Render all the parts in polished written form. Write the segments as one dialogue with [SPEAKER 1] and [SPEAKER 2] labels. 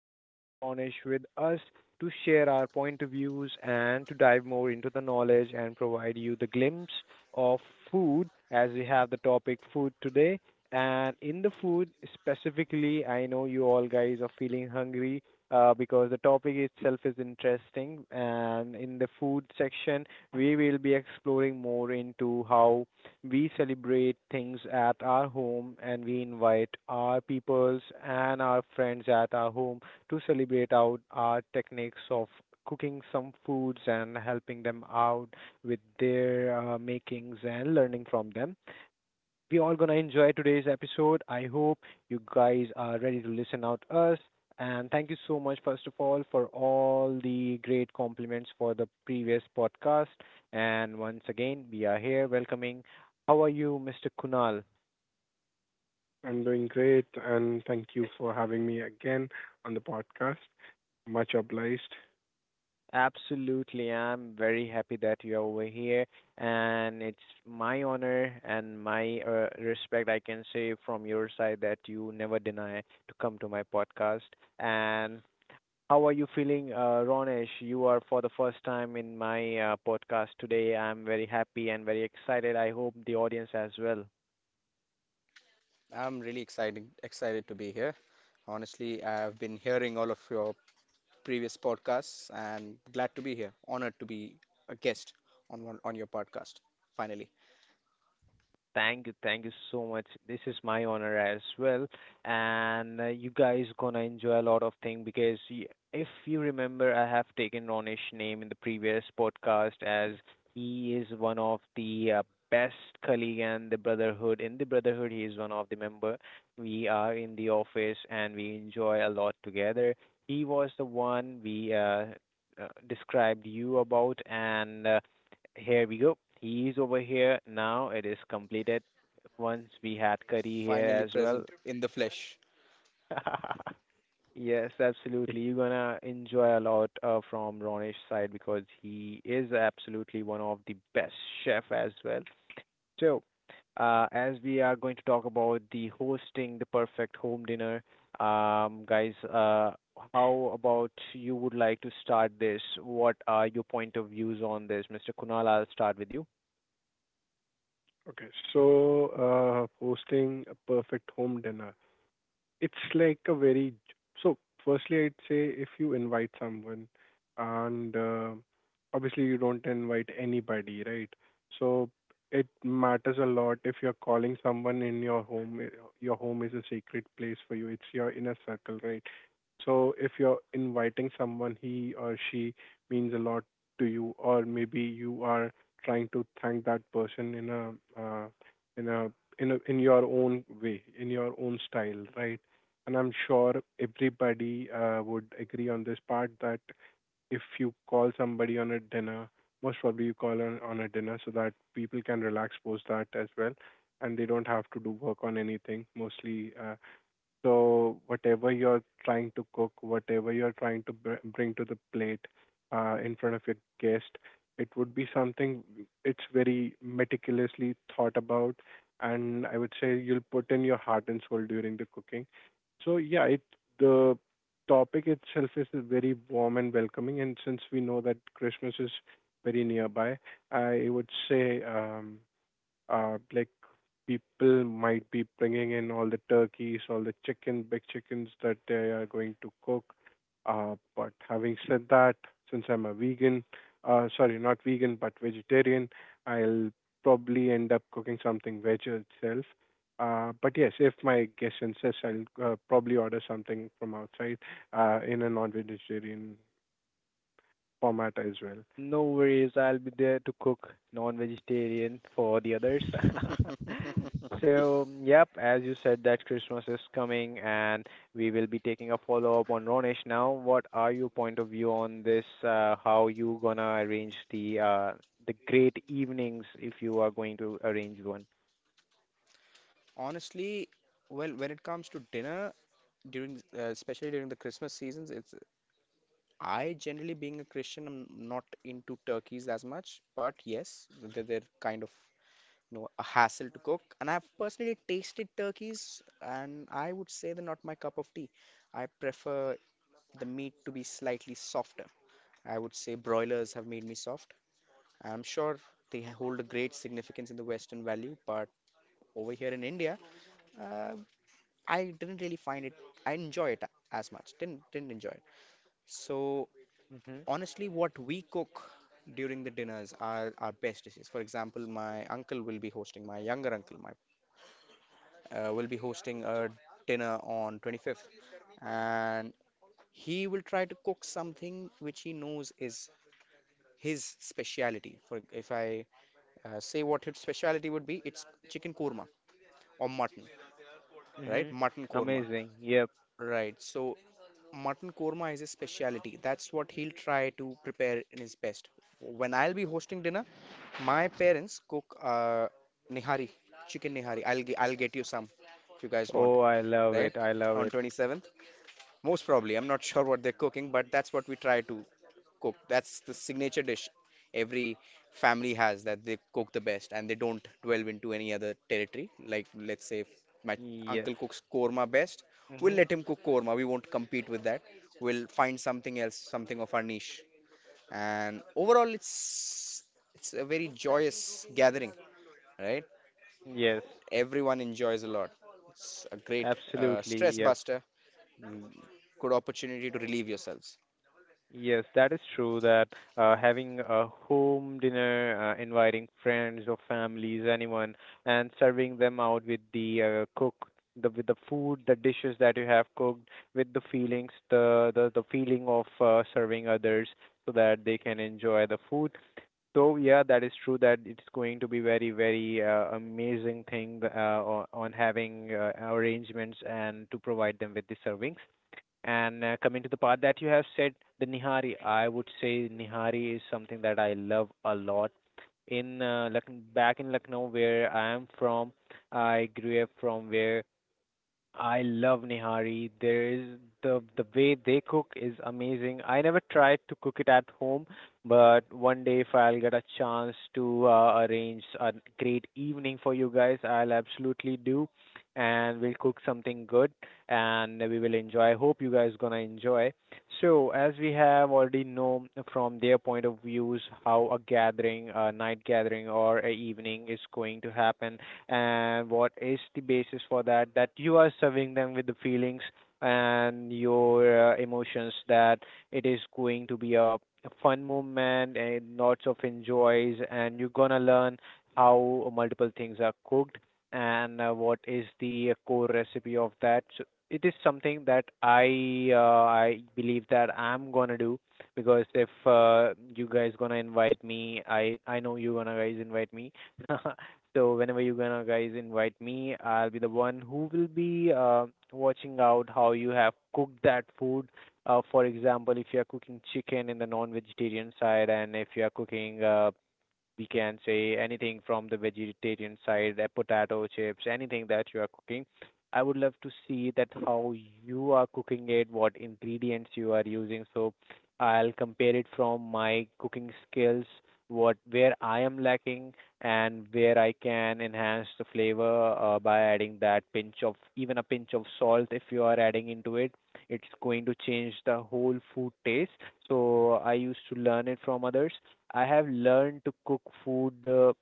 [SPEAKER 1] and Mr. Ronish with us to share our point of views and to dive more into the knowledge and provide you the glimpse of food as we have the topic food today. And in the food specifically, I know you all guys are feeling hungry because the topic itself is interesting. And in the food section, we will be exploring more into how we celebrate things at our home and we invite our peoples and our friends at our home to celebrate out our techniques of cooking some foods and helping them out with their makings and learning from them. We all gonna enjoy today's episode. I hope you guys are ready to listen out us. And thank you so much, first of all, for all the great compliments for the previous podcast. And once again, we are here welcoming. How are you, Mr. Kunal?
[SPEAKER 2] I'm doing great, and thank you for having me again on the podcast. Much obliged.
[SPEAKER 1] Absolutely, I'm very happy that you're over here, and it's my honor and my respect I can say from your side that you never deny to come to my podcast. And how are you feeling, Ronesh? You are for the first time in my podcast today. I'm very happy and very excited. I hope the audience as well.
[SPEAKER 3] I'm really excited to be here. Honestly, I've been hearing all of your previous podcasts and glad to be here. Honored to be a guest on one, on your podcast. Finally,
[SPEAKER 1] Thank you so much. This is my honor as well, and you guys gonna enjoy a lot of thing, because if you remember, I have taken Ronish name in the previous podcast as he is one of the best colleague and the brotherhood. In the brotherhood, he is one of the member. We are in the office and we enjoy a lot together. He was the one we described you about and. Here we go. He's over here now. It is completed. Once we had curry here
[SPEAKER 3] finally,
[SPEAKER 1] as well.
[SPEAKER 3] present in the flesh.
[SPEAKER 1] Yes, absolutely. You're gonna enjoy a lot from Ronish's side, because he is absolutely one of the best chef as well. So, as we are going to talk about the hosting the perfect home dinner, guys, how about you would like to start this? What are your point of views on this, Mr. Kunal? I'll start with you.
[SPEAKER 2] Okay, so hosting a perfect home dinner. It's like a very so Firstly, I'd say if you invite someone and obviously you don't invite anybody, right? So it matters a lot if you're calling someone in your home. Your home is a sacred place for you. It's your inner circle, right? So if you're inviting someone, he or she means a lot to you, or maybe you are trying to thank that person uh, in a in your own way, in your own style, right? And I'm sure everybody would agree on this part that if you call somebody on a dinner, most probably you call on a dinner so that people can relax post that as well, and they don't have to do work on anything. So whatever you're trying to cook, whatever you're trying to bring to the plate in front of your guest, it would be something it's very meticulously thought about, and I would say you'll put in your heart and soul during the cooking. So yeah, it the topic itself is very warm and welcoming, and since we know that Christmas is very nearby, I would say like people might be bringing in all the turkeys, all the chicken, big chickens that they are going to cook. But having said that, since I'm a vegan, sorry, not vegan, but vegetarian, I'll probably end up cooking something veg itself. But yes, if my guest insists, I'll probably order something from outside in a non-vegetarian format as well.
[SPEAKER 1] No worries, I'll be there to cook non-vegetarian for the others. So, yep, as you said that Christmas is coming and we will be taking a follow-up on Ronesh now. What are your point of view on this? How you gonna arrange the the great evenings if you are going to arrange one?
[SPEAKER 3] Honestly, well, when it comes to dinner during, especially during the Christmas seasons, it's I generally being a Christian, I'm not into turkeys as much, but yes, they're kind of know, a hassle to cook. And I've personally tasted turkeys, and I would say they're not my cup of tea. I prefer the meat to be slightly softer. I would say broilers have made me soft. I'm sure they hold a great significance in the Western Valley, but over here in India, uh, I didn't really find it. I enjoy it as much. Didn't enjoy it. So
[SPEAKER 1] Mm-hmm.
[SPEAKER 3] honestly, what we cook during the dinners are our best dishes. For example, my uncle will be hosting, my younger uncle, my will be hosting a dinner on 25th, and he will try to cook something which he knows is his speciality. For if I say what his speciality would be, it's chicken korma or mutton, right?
[SPEAKER 1] Mm-hmm.
[SPEAKER 3] Mutton korma,
[SPEAKER 1] Amazing. Yep.
[SPEAKER 3] right? So mutton korma is his speciality. That's what he'll try to prepare in his best. When I'll be hosting dinner, my parents cook nihari, chicken nihari. I'll get you some if you guys want,
[SPEAKER 1] Oh, I love
[SPEAKER 3] right?
[SPEAKER 1] it. I love
[SPEAKER 3] On
[SPEAKER 1] it.
[SPEAKER 3] 27th. Most probably, I'm not sure what they're cooking, but that's what we try to cook. That's the signature dish every family has that they cook the best and they don't delve into any other territory. Like, let's say if my
[SPEAKER 1] Yes.
[SPEAKER 3] uncle cooks korma best, we'll
[SPEAKER 1] Mm-hmm.
[SPEAKER 3] let him cook korma. We won't compete with that. We'll find something else, something of our niche. And overall, it's a very joyous gathering, right?
[SPEAKER 1] Yes.
[SPEAKER 3] Everyone enjoys a lot. It's a great
[SPEAKER 1] Absolutely.
[SPEAKER 3] stress
[SPEAKER 1] Yep.
[SPEAKER 3] buster, mm, good opportunity to relieve yourselves.
[SPEAKER 1] Yes, that is true that, having a home dinner, inviting friends or families, anyone, and serving them out with the cook, the with the food, the dishes that you have cooked, with the feelings, the feeling of serving others so that they can enjoy the food. So yeah, that is true that it's going to be very, very amazing thing, on having arrangements and to provide them with the servings. And coming to the part that you have said, the Nihari, I would say Nihari is something that I love a lot. In uh, Luck- back in Lucknow, where I am from, I grew up from where I love Nihari. The way they cook is amazing. I never tried to cook it at home, but one day if I'll get a chance to arrange a great evening for you guys, I'll absolutely do, and we'll cook something good and we will enjoy. I hope you guys gonna enjoy. So as we have already known from their point of views how a gathering, a night gathering or a evening is going to happen, and what is the basis for that, that you are serving them with the feelings and your emotions, that it is going to be a fun moment and lots of enjoys, and you're gonna learn how multiple things are cooked, and what is the core recipe of that. So it is something that I believe that I'm gonna do, because if you guys gonna invite me, I know you gonna guys invite me. So whenever you gonna guys invite me, I'll be the one who will be watching out how you have cooked that food. For example, if you are cooking chicken in the non-vegetarian side, and if you are cooking, we can say anything from the vegetarian side, potato chips, anything that you are cooking. I would love to see that how you are cooking it, what ingredients you are using. So I'll compare it from my cooking skills, what where I am lacking and where I can enhance the flavor by adding that pinch of even a pinch of salt if you are adding into it. It's going to change the whole food taste. So I used to learn it from others. I have learned to cook food,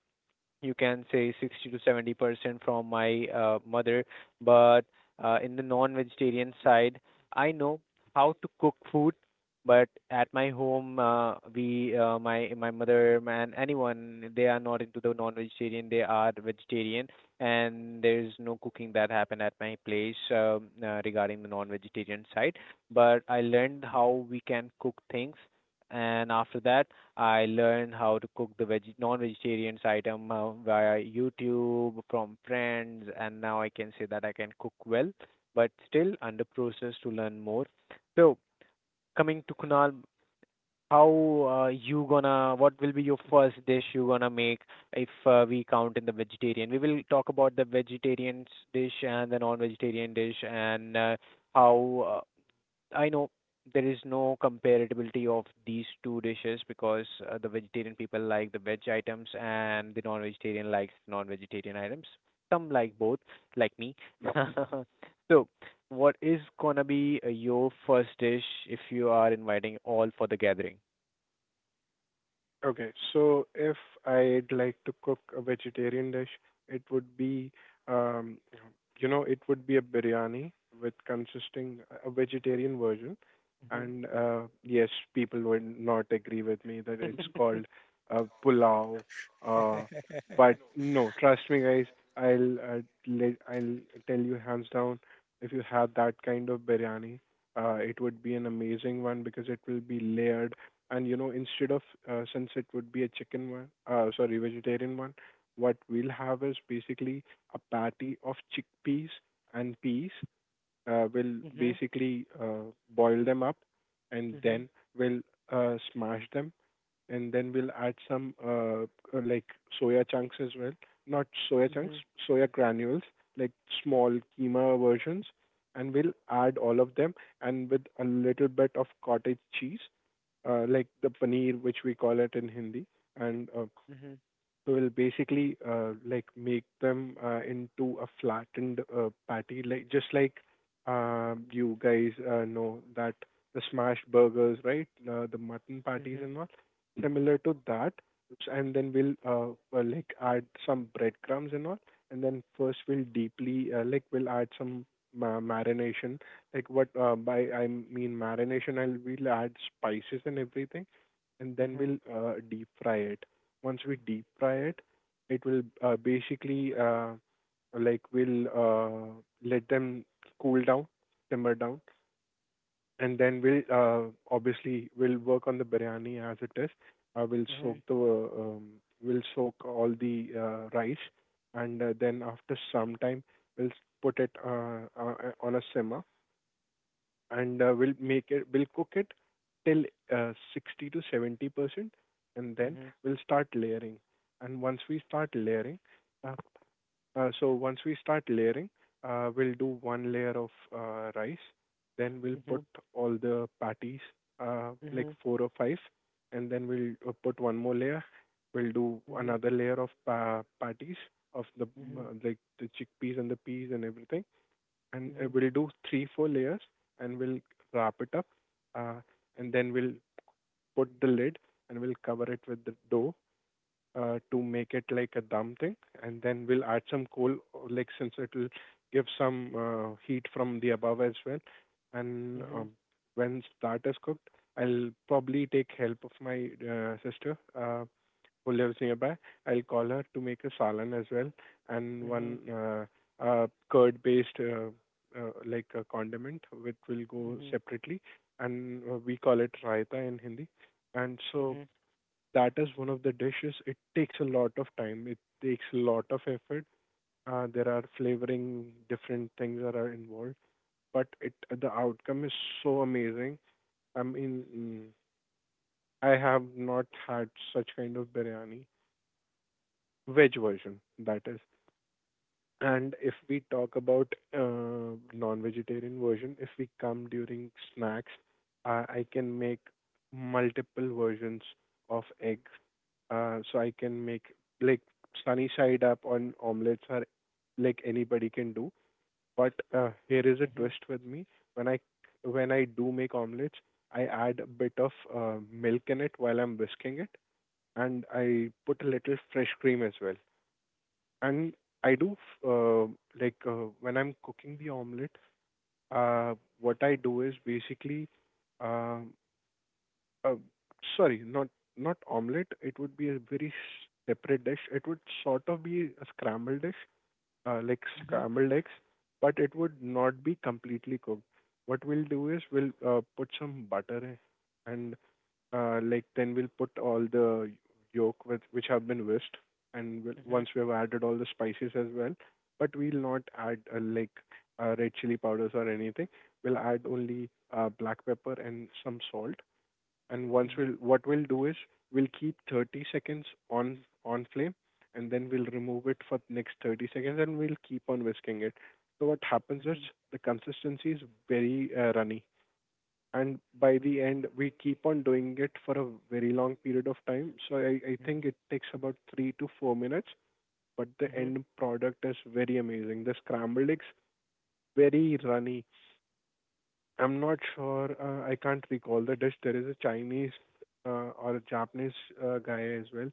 [SPEAKER 1] you can say 60 to 70% from my mother, but in the non-vegetarian side, I know how to cook food, but at my home, we, my mother, man, anyone, they are not into the non-vegetarian, they are vegetarian, and there is no cooking that happen at my place regarding the non-vegetarian side. But I learned how we can cook things, and after that I learned how to cook the veg non-vegetarian item via YouTube from friends, and now I can say that I can cook well, but still under process to learn more. So coming to Kunal, how you gonna? What will be your first dish you gonna make if we count in the vegetarian? We will talk about the vegetarian dish and the non-vegetarian dish, and how I know there is no comparability of these two dishes, because the vegetarian people like the veg items and the non-vegetarian likes non-vegetarian items. Some like both, like me. So, what is gonna be your first dish if you are inviting all for the gathering?
[SPEAKER 2] Okay, so if I'd like to cook a vegetarian dish, it would be, um, you know, it would be a biryani with consisting a vegetarian version.
[SPEAKER 1] Mhm.
[SPEAKER 2] And yes, people would not agree with me that it's called pulao. Uh, but no, trust me, guys. I'll uh, I'll tell you hands down, if you have that kind of biryani, it would be an amazing one because it will be layered, and you know, instead of since it would be a chicken one sorry, vegetarian one, what we'll have is basically a patty of chickpeas and peas. We'll
[SPEAKER 1] Mhm.
[SPEAKER 2] basically boil them up, and
[SPEAKER 1] Mhm.
[SPEAKER 2] then we'll smash them, and then we'll add some like soya chunks as well, not soya chunks,
[SPEAKER 1] Mhm.
[SPEAKER 2] soya granules, like small keema versions, and we'll add all of them, and with a little bit of cottage cheese, like the paneer, which we call it in Hindi. And
[SPEAKER 1] Mhm.
[SPEAKER 2] So we'll basically like make them into a flattened patty, like just like, you guys know that, the smashed burgers, right? The mutton patties
[SPEAKER 1] Mhm.
[SPEAKER 2] and all, similar to that. And then we'll like add some breadcrumbs and all, and then first we'll deeply like we'll add some marination. Like what by I mean marination, I'll we'll add spices and everything, and then
[SPEAKER 1] Mhm.
[SPEAKER 2] we'll deep fry it. Once we deep fry it, it will basically like will let them cool down, simmer down, and then we'll obviously we'll work on the biryani as it is. Uh, we'll soak
[SPEAKER 1] Mhm.
[SPEAKER 2] the uh, um, we'll soak all the rice, and then after some time we'll put it on a simmer, and we'll cook it till 60 to 70%, and
[SPEAKER 1] Mhm.
[SPEAKER 2] then
[SPEAKER 1] Mhm.
[SPEAKER 2] we'll start layering. And uh, once we start layering, we'll do one layer of rice, then we'll put
[SPEAKER 1] Mhm.
[SPEAKER 2] all the patties, like
[SPEAKER 1] Mhm.
[SPEAKER 2] four or five, and then we'll put one more layer. We'll do
[SPEAKER 1] Mhm. Mhm.
[SPEAKER 2] another layer of patties of the
[SPEAKER 1] Mhm.
[SPEAKER 2] like the chickpeas and the peas and everything, and we'll do three, four layers, and we'll wrap it up. Uh, and then we'll put the lid, and we'll cover it with the dough to make it like a dum thing. And then we'll add some coal, like, since it'll give some heat from the above as well. And
[SPEAKER 1] Mhm.
[SPEAKER 2] When that is cooked, I'll probably take help of my sister, who lives nearby. I'll call her to make a salan as well, and one
[SPEAKER 1] Mhm.
[SPEAKER 2] curd based like a condiment which will go
[SPEAKER 1] Mhm.
[SPEAKER 2] separately, and we call it raita in Hindi. And so
[SPEAKER 1] Mhm.
[SPEAKER 2] that is one of the dishes. It takes a lot of time. It takes a lot of effort. There are flavoring different things that are involved, but it the outcome is so amazing. I mean, I have not had such kind of biryani veg version that is. And if we talk about non-vegetarian version, if we come during snacks, I can make multiple versions of egg. So I can make like sunny side up on omelets are like anybody can do. But here is a
[SPEAKER 1] Mhm.
[SPEAKER 2] twist with me. When I when I do make omelets, I add a bit of milk in it while I'm whisking it, and I put a little fresh cream as well. And I do f- like when I'm cooking the omelet, uh, what I do is basically, um, uh, sorry, not omelet. It would be a very separate dish. It would sort of be a scrambled dish, like
[SPEAKER 1] Mhm.
[SPEAKER 2] scrambled eggs, but it would not be completely cooked. What we'll do is we'll put some butter in, and like then we'll put all the yolk which have been whisked, and
[SPEAKER 1] Mhm.
[SPEAKER 2] once we have added all the spices as well, but we'll not add red chili powders or anything. We'll add only black pepper and some salt. And once
[SPEAKER 1] Mhm.
[SPEAKER 2] we'll what we'll do is we'll keep 30 seconds on flame, and then we'll remove it for next 30 seconds, and we'll keep on whisking it. So what happens is
[SPEAKER 1] Mhm.
[SPEAKER 2] the consistency is very runny, and by the end, we keep on doing it for a very long period of time, so I think
[SPEAKER 1] Mhm.
[SPEAKER 2] it takes about 3 to 4 minutes, but the
[SPEAKER 1] Mhm.
[SPEAKER 2] end product is very amazing, the scrambled eggs, very runny. I'm not sure. I can't recall the dish. There is a Chinese or a Japanese guy as well.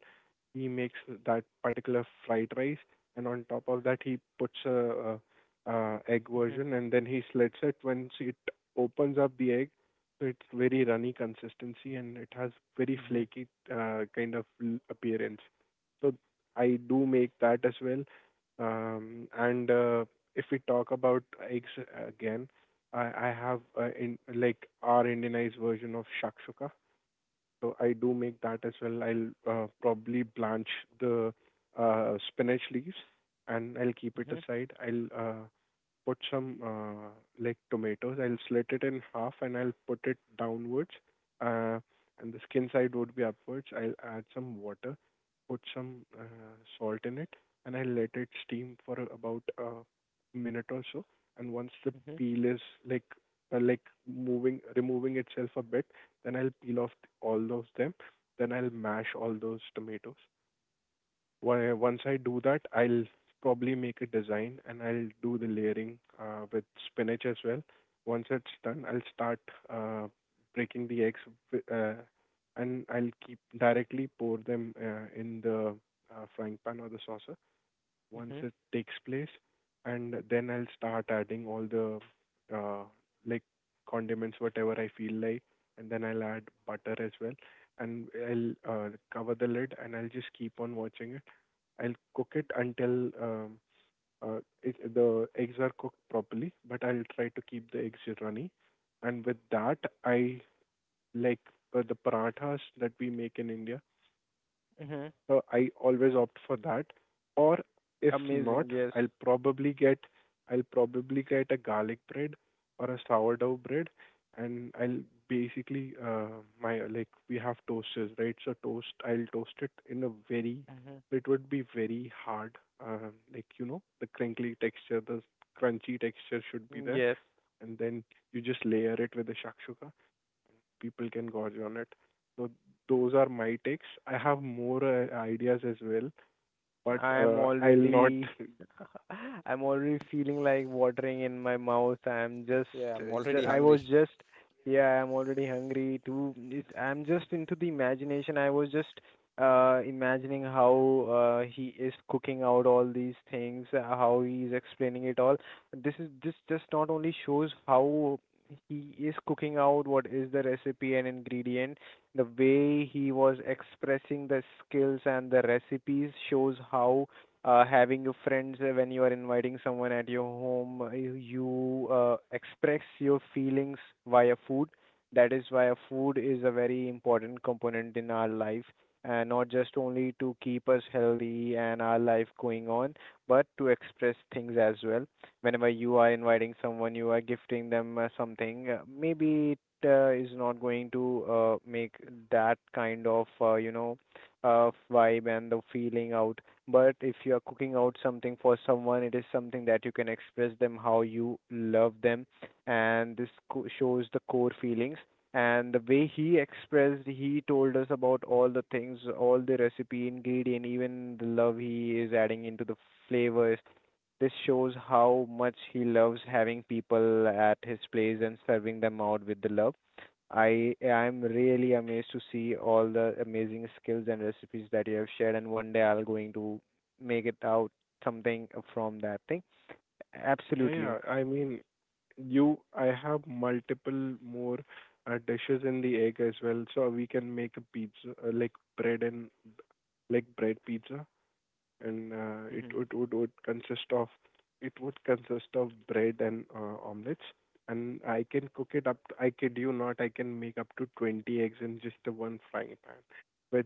[SPEAKER 2] He makes that particular fried rice, and on top of that, he puts a, egg
[SPEAKER 1] Mhm.
[SPEAKER 2] version, and then he slits it. Once it opens up the egg, so it's very runny consistency, and it has very
[SPEAKER 1] Mhm.
[SPEAKER 2] flaky kind of appearance. So I do make that as well. And If we talk about eggs again, I have in like our Indianized version of shakshuka. So I do make that as well. I'll probably blanch the spinach leaves, and I'll keep it
[SPEAKER 1] Mhm.
[SPEAKER 2] aside. I'll put some like tomatoes. I'll slit it in half, and I'll put it downwards, uh, and the skin side would be upwards. I'll add some water, put some salt in it, and I'll let it steam for about a minute or so. And once the
[SPEAKER 1] Mhm.
[SPEAKER 2] peel is like like moving removing itself a bit, then I'll peel off all those them. Then I'll mash all those tomatoes. Once I do that, I'll probably make a design, and I'll do the layering with spinach as well. Once it's done, I'll start uh, breaking the eggs, wi- uh, and I'll keep directly pour them in the frying pan or the saucer once
[SPEAKER 1] Mhm.
[SPEAKER 2] it takes place. And then I'll start adding all the uh, like condiments, whatever I feel like. And then I'll add butter as well. And I'll cover the lid, and I'll just keep on watching it. I'll cook it until the eggs are cooked properly, but I'll try to keep the eggs runny. And with that, I like the parathas that we make in India.
[SPEAKER 1] Mhm.
[SPEAKER 2] So I always opt for that. Or if
[SPEAKER 1] Amazing,
[SPEAKER 2] not,
[SPEAKER 1] yes.
[SPEAKER 2] I'll probably get I'll probably get a garlic bread or a sourdough bread, and I'll basically my like we have toasters, right? So toast I'll toast it in a very,
[SPEAKER 1] Mhm.
[SPEAKER 2] it would be very hard, like you know, the crinkly texture, the crunchy texture should be there,
[SPEAKER 1] Yes.
[SPEAKER 2] and then you just layer it with the shakshuka, people can gorge on it. So those are my takes. I have more ideas as well, but
[SPEAKER 1] I'm
[SPEAKER 2] I'll not.
[SPEAKER 1] already I'm already feeling like watering in my mouth. I'm
[SPEAKER 3] Yeah,
[SPEAKER 1] just,
[SPEAKER 3] I'm already
[SPEAKER 2] yeah,
[SPEAKER 1] I
[SPEAKER 3] hungry.
[SPEAKER 1] was just, yeah, I'm already hungry too. It's, I'm just into the imagination. I was just imagining how he is cooking out all these things, how he is explaining it all. This is this just not only shows how he is cooking out what is the recipe and ingredient, the way he was expressing the skills and the recipes shows how, having your friends, when you are inviting someone at your home, you express your feelings via food. That is why a food is a very important component in our life, and not just only to keep us healthy and our life going on, but to express things as well. Whenever you are inviting someone, you are gifting them something, maybe it is not going to make that kind of, vibe and the feeling out. But if you are cooking out something for someone, it is something that you can express them how you love them, and this shows the core feelings. And the way he expressed, he told us about all the things, all the recipe, ingredient, even the love he is adding into the flavors, this shows how much he loves having people at his place and serving them out with the love. I'm really amazed to see all the amazing skills and recipes that you have shared, and one day I'll going to make it out something from that thing. Absolutely.
[SPEAKER 2] yeah. I mean, you. I have multiple more dishes in the egg as well, so we can make a pizza, like bread pizza. And it
[SPEAKER 1] Mhm.
[SPEAKER 2] would consist of it would consist of bread and omelets, and I can cook it up. I kid you not, I can make up to 20 eggs in just the one frying pan with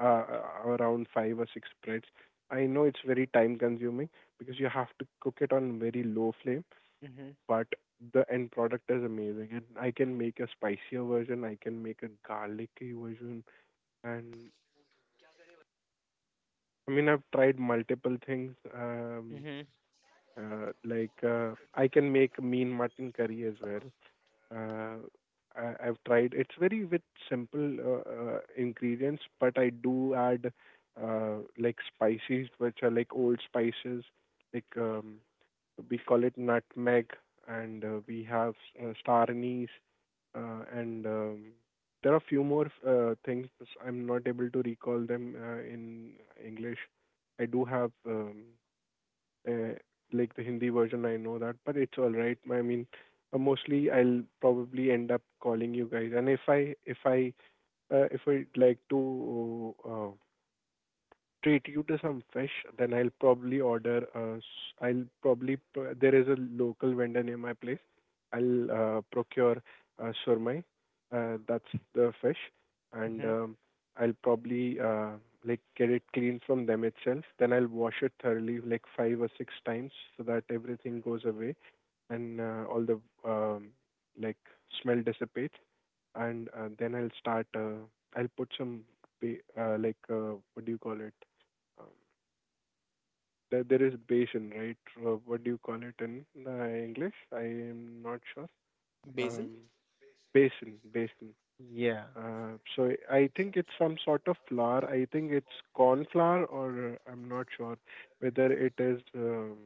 [SPEAKER 2] uh, around five or six breads. I know it's very time consuming because you have to cook it on very low flame,
[SPEAKER 1] Mhm.
[SPEAKER 2] but the end product is amazing. And I can make a spicier version, I can make a garlicky version, and I mean, I've tried multiple things.
[SPEAKER 1] Mhm.
[SPEAKER 2] Like I can make mean mutton curry as well. Uh, I've tried. It's very with simple ingredients, but I do add like spices, which are like old spices. Like we call it nutmeg, and we have star anise, and there are a few more things. I'm not able to recall them in English. I do have. Uh, like the Hindi version, I know that, but it's all right. I mean, mostly I'll probably end up calling you guys. And if I if I'd like to treat you to some fish, then I'll probably order. I'll probably there is a local vendor near my place. I'll procure surmai. That's the fish, and
[SPEAKER 1] Mhm.
[SPEAKER 2] I'll probably like get it clean from them itself. Then I'll wash it thoroughly, like five or six times, so that everything goes away, and all the um, like smell dissipates. And then I'll start. I'll put some like what do you call it? um, there is Bayesian, right? What do you call it in English? I am not sure.
[SPEAKER 3] Basil?
[SPEAKER 2] Um, Bayesian, Bayesian.
[SPEAKER 1] Yeah.
[SPEAKER 2] So I think it's some sort of flour. I think it's corn flour, or I'm not sure whether it is. Um,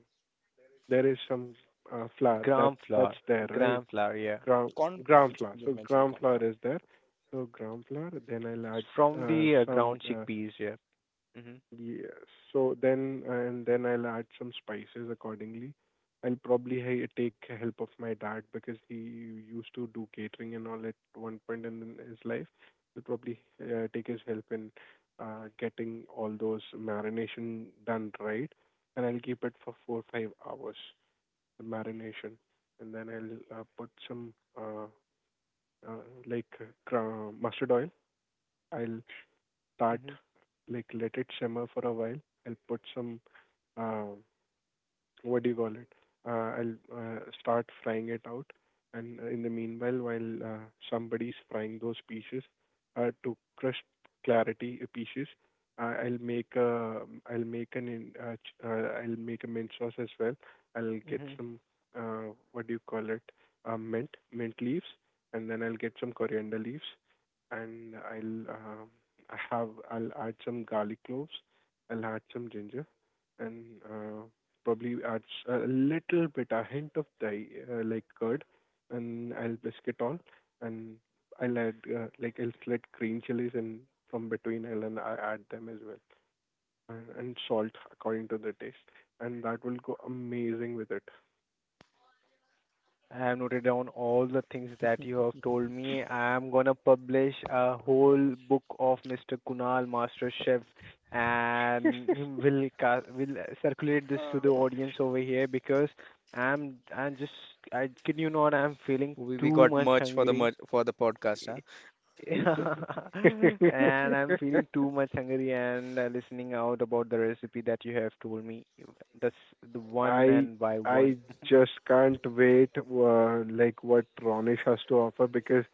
[SPEAKER 2] there is some flour that
[SPEAKER 1] Gram flour.
[SPEAKER 2] that's there, right?
[SPEAKER 1] Gram flour. Yeah.
[SPEAKER 2] Ground
[SPEAKER 3] Corn?
[SPEAKER 2] ground flour.
[SPEAKER 3] You
[SPEAKER 2] So
[SPEAKER 3] mentioned
[SPEAKER 2] ground flour
[SPEAKER 3] cornflour.
[SPEAKER 2] is there. So ground flour. Then I'll add
[SPEAKER 1] From the
[SPEAKER 2] some
[SPEAKER 1] ground chickpeas. Yeah. Mhm.
[SPEAKER 2] yes. So then, and then I'll add some spices accordingly. I'll probably take help of my dad because he used to do catering and all at one point in his life. I'll probably take his help in getting all those marination done right, and I'll keep it for 4 or 5 hours, the marination, and then I'll put some uh, uh, like mustard oil. I'll start, like let it simmer for a while. I'll put some uh, what do you call it? I'll start frying it out, and in the meanwhile, while somebody's frying those pieces, to crisp clarity pieces, I'll make a I'll make an in, ch- I'll make a mint sauce as well. I'll get
[SPEAKER 1] Mhm.
[SPEAKER 2] some what do you call it? Mint leaves, and then I'll get some coriander leaves, and I have I'll add some garlic cloves. I'll add some ginger, and probably adds a little bit, a hint of the like curd, and I'll whisk it all, and I'll add like I'll slit green chilies in from between, and then I add them as well, and salt according to the taste, and that will go amazing with it.
[SPEAKER 1] I have noted down all the things that you have told me. I am gonna publish a whole book of Mr. Kunal Master Chef, and will will circulate this to the audience over here, because I'm just. I kid you not, I'm feeling
[SPEAKER 3] We, we
[SPEAKER 1] too
[SPEAKER 3] got
[SPEAKER 1] much
[SPEAKER 3] merch for the
[SPEAKER 1] hungry.
[SPEAKER 3] merch for the podcast, huh?
[SPEAKER 2] Uh,
[SPEAKER 1] And I'm feeling too much hungry and listening out about the recipe that you have told me. That's the one
[SPEAKER 2] I
[SPEAKER 1] and by one.
[SPEAKER 2] I just can't wait like what Ronish has to offer because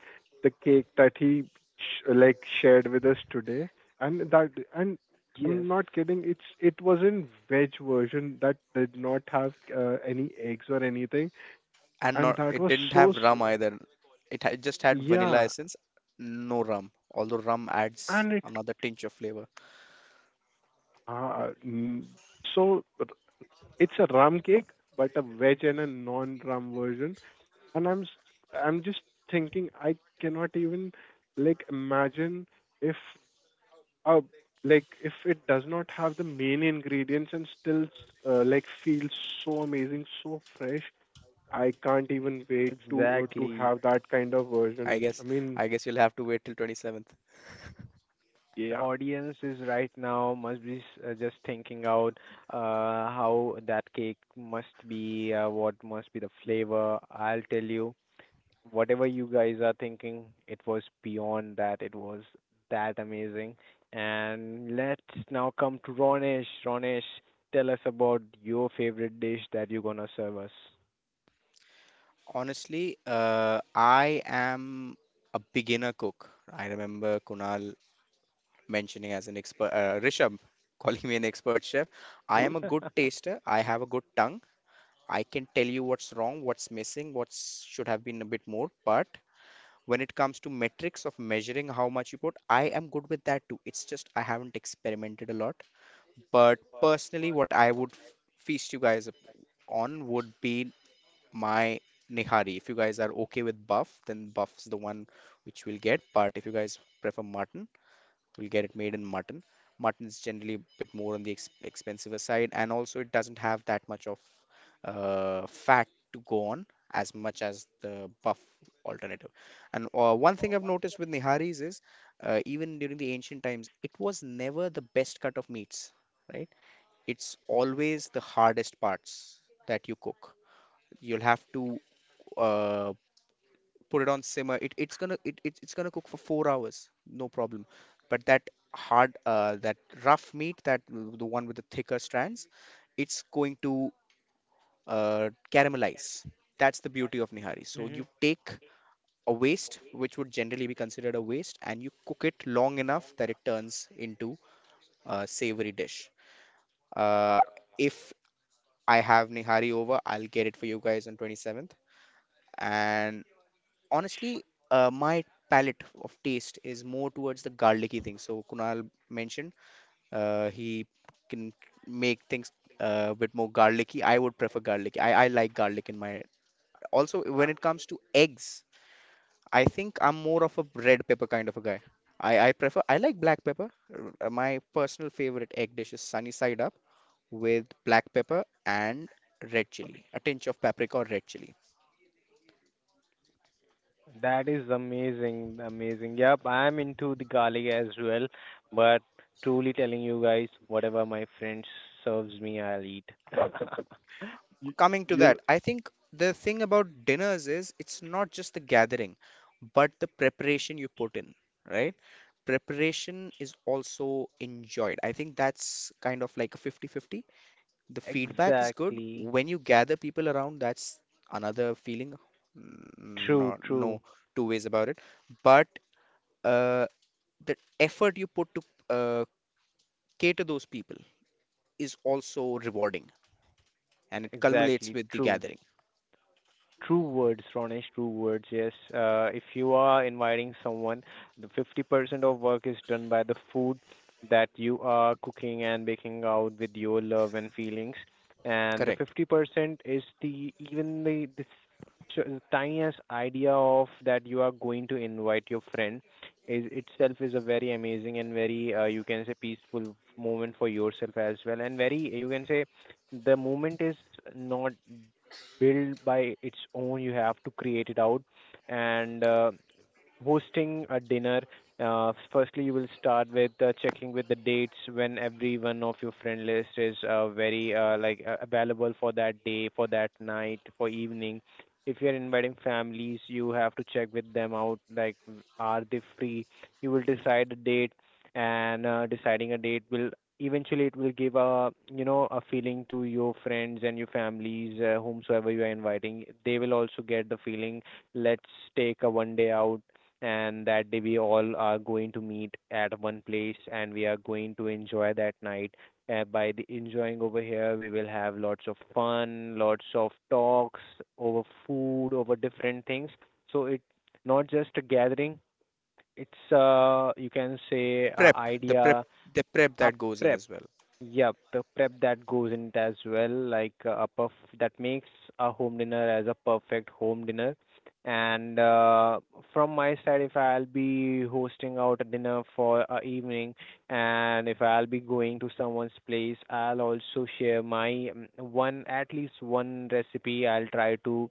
[SPEAKER 2] the cake that he like shared with us today and that and
[SPEAKER 1] Yes,
[SPEAKER 2] I'm not kidding, it's it was in veg version that did not have any eggs or anything,
[SPEAKER 3] And
[SPEAKER 2] and
[SPEAKER 3] not
[SPEAKER 2] that
[SPEAKER 3] it
[SPEAKER 2] was
[SPEAKER 3] didn't
[SPEAKER 2] so
[SPEAKER 3] have rum either. It had just had vanilla
[SPEAKER 2] yeah.
[SPEAKER 3] essence, no rum. Although rum adds
[SPEAKER 2] And it
[SPEAKER 3] another tinge of flavor.
[SPEAKER 2] uh, mm, so r- it's a rum cake, but a veg and a non rum version. And I'm just thinking I cannot even like imagine if uh like if it does not have the main ingredients and still like feels so amazing, so fresh. I can't even wait to
[SPEAKER 1] exactly.
[SPEAKER 2] have that kind of
[SPEAKER 3] I
[SPEAKER 2] version. I
[SPEAKER 3] guess
[SPEAKER 2] mean,
[SPEAKER 3] I guess you'll have to wait till 27th.
[SPEAKER 1] The
[SPEAKER 2] yeah.
[SPEAKER 1] audience is right now must be just thinking out, how that cake must be, what must be the flavor. I'll tell you, whatever you guys are thinking, it was beyond that. It was that amazing. And let's now come to Ronesh. Ronesh, tell us about your favorite dish that you're gonna serve us.
[SPEAKER 3] Honestly, I am a beginner cook. I remember Kunal mentioning as an expert, Rishabh calling me an expert chef. I am a good taster. I have a good tongue. I can tell you what's wrong, what's missing, what should have been a bit more. But when it comes to metrics of measuring how much you put, I am good with that too. It's just I haven't experimented a lot. But personally, what I would feast you guys up on would be my Nihari. If you guys are okay with buff, then buff's the one which we'll get. But if you guys prefer mutton, we'll get it made in mutton. Mutton is generally a bit more on the expensive side, and also it doesn't have that much of fat to go on as much as the buff alternative. And one thing I've noticed with niharis is even during the ancient times, it was never the best cut of meats, right? It's always the hardest parts that you cook. You'll have to uh, put it on simmer it, it's gonna cook for four hours, no problem, but that hard that rough meat, that the one with the thicker strands, it's going to caramelize. That's the beauty of nihari. So
[SPEAKER 1] hmm
[SPEAKER 3] you take a waste which would generally be considered a waste and you cook it long enough that it turns into a savory dish. uh, if I have nihari over, I'll get it for you guys on 27th. And honestly, my palate of taste is more towards the garlicky thing. So Kunal mentioned he can make things a bit more garlicky. I would prefer garlic. I like garlic in my. Also, when it comes to eggs, I think I'm more of a red pepper kind of a guy. I prefer I like black pepper. My personal favorite egg dish is sunny side up with black pepper and red chili, a tinge of paprika or red chili.
[SPEAKER 1] That is amazing, amazing. Yep, I'm into the garlic as well, but truly telling you guys, whatever my friend serves me, I'll eat.
[SPEAKER 2] you,
[SPEAKER 3] Coming to
[SPEAKER 2] you know,
[SPEAKER 3] that, I think the thing about dinners is it's not just the gathering, but the preparation you put in, right? Preparation is also enjoyed. I think that's kind of like a 50-50. The feedback is good.
[SPEAKER 1] Exactly.
[SPEAKER 3] When you gather people around, that's another feeling. N-
[SPEAKER 1] True,
[SPEAKER 3] No, no
[SPEAKER 1] true.
[SPEAKER 3] two ways about it. But uh, the effort you put to uh, cater those people is also rewarding, and it culminates
[SPEAKER 1] Exactly,
[SPEAKER 3] with the
[SPEAKER 1] true.
[SPEAKER 3] gathering.
[SPEAKER 1] True words, Ronesh, true words. Yes. If you are inviting someone, the 50% of work is done by the food that you are cooking and baking out with your love and feelings. And the
[SPEAKER 3] Correct.
[SPEAKER 1] 50% is the even the ch- tiniest idea of that you are going to invite your friend is itself is a very amazing and very you can say peaceful moment for yourself as well, and very you can say the moment is not build by its own. You have to create it out. And hosting a dinner, firstly you will start with checking with the dates when every one of your friend list is very like available for that day, for that night, for evening. If you are inviting families, you have to check with them out, like w- are they free? You will decide a date, and deciding a date will eventually, it will give a, you know, a feeling to your friends and your families, whomsoever you are inviting. They will also get the feeling, let's take a one day out, and that day we all are going to meet at one place, and we are going to enjoy that night. By the enjoying over here, we will have lots of fun, lots of talks, over food, over different things. So it's not just a gathering. It's you can say a
[SPEAKER 3] Prep the prep
[SPEAKER 1] idea,
[SPEAKER 3] the prep
[SPEAKER 1] a
[SPEAKER 3] that goes in
[SPEAKER 1] prep.
[SPEAKER 3] as well.
[SPEAKER 1] Yep, the prep that goes in it as well, like a perf that makes a home dinner as a perfect home dinner. And from my side, if I'll be hosting out a dinner for a evening, and if I'll be going to someone's place, I'll also share my one, at least one recipe I'll try to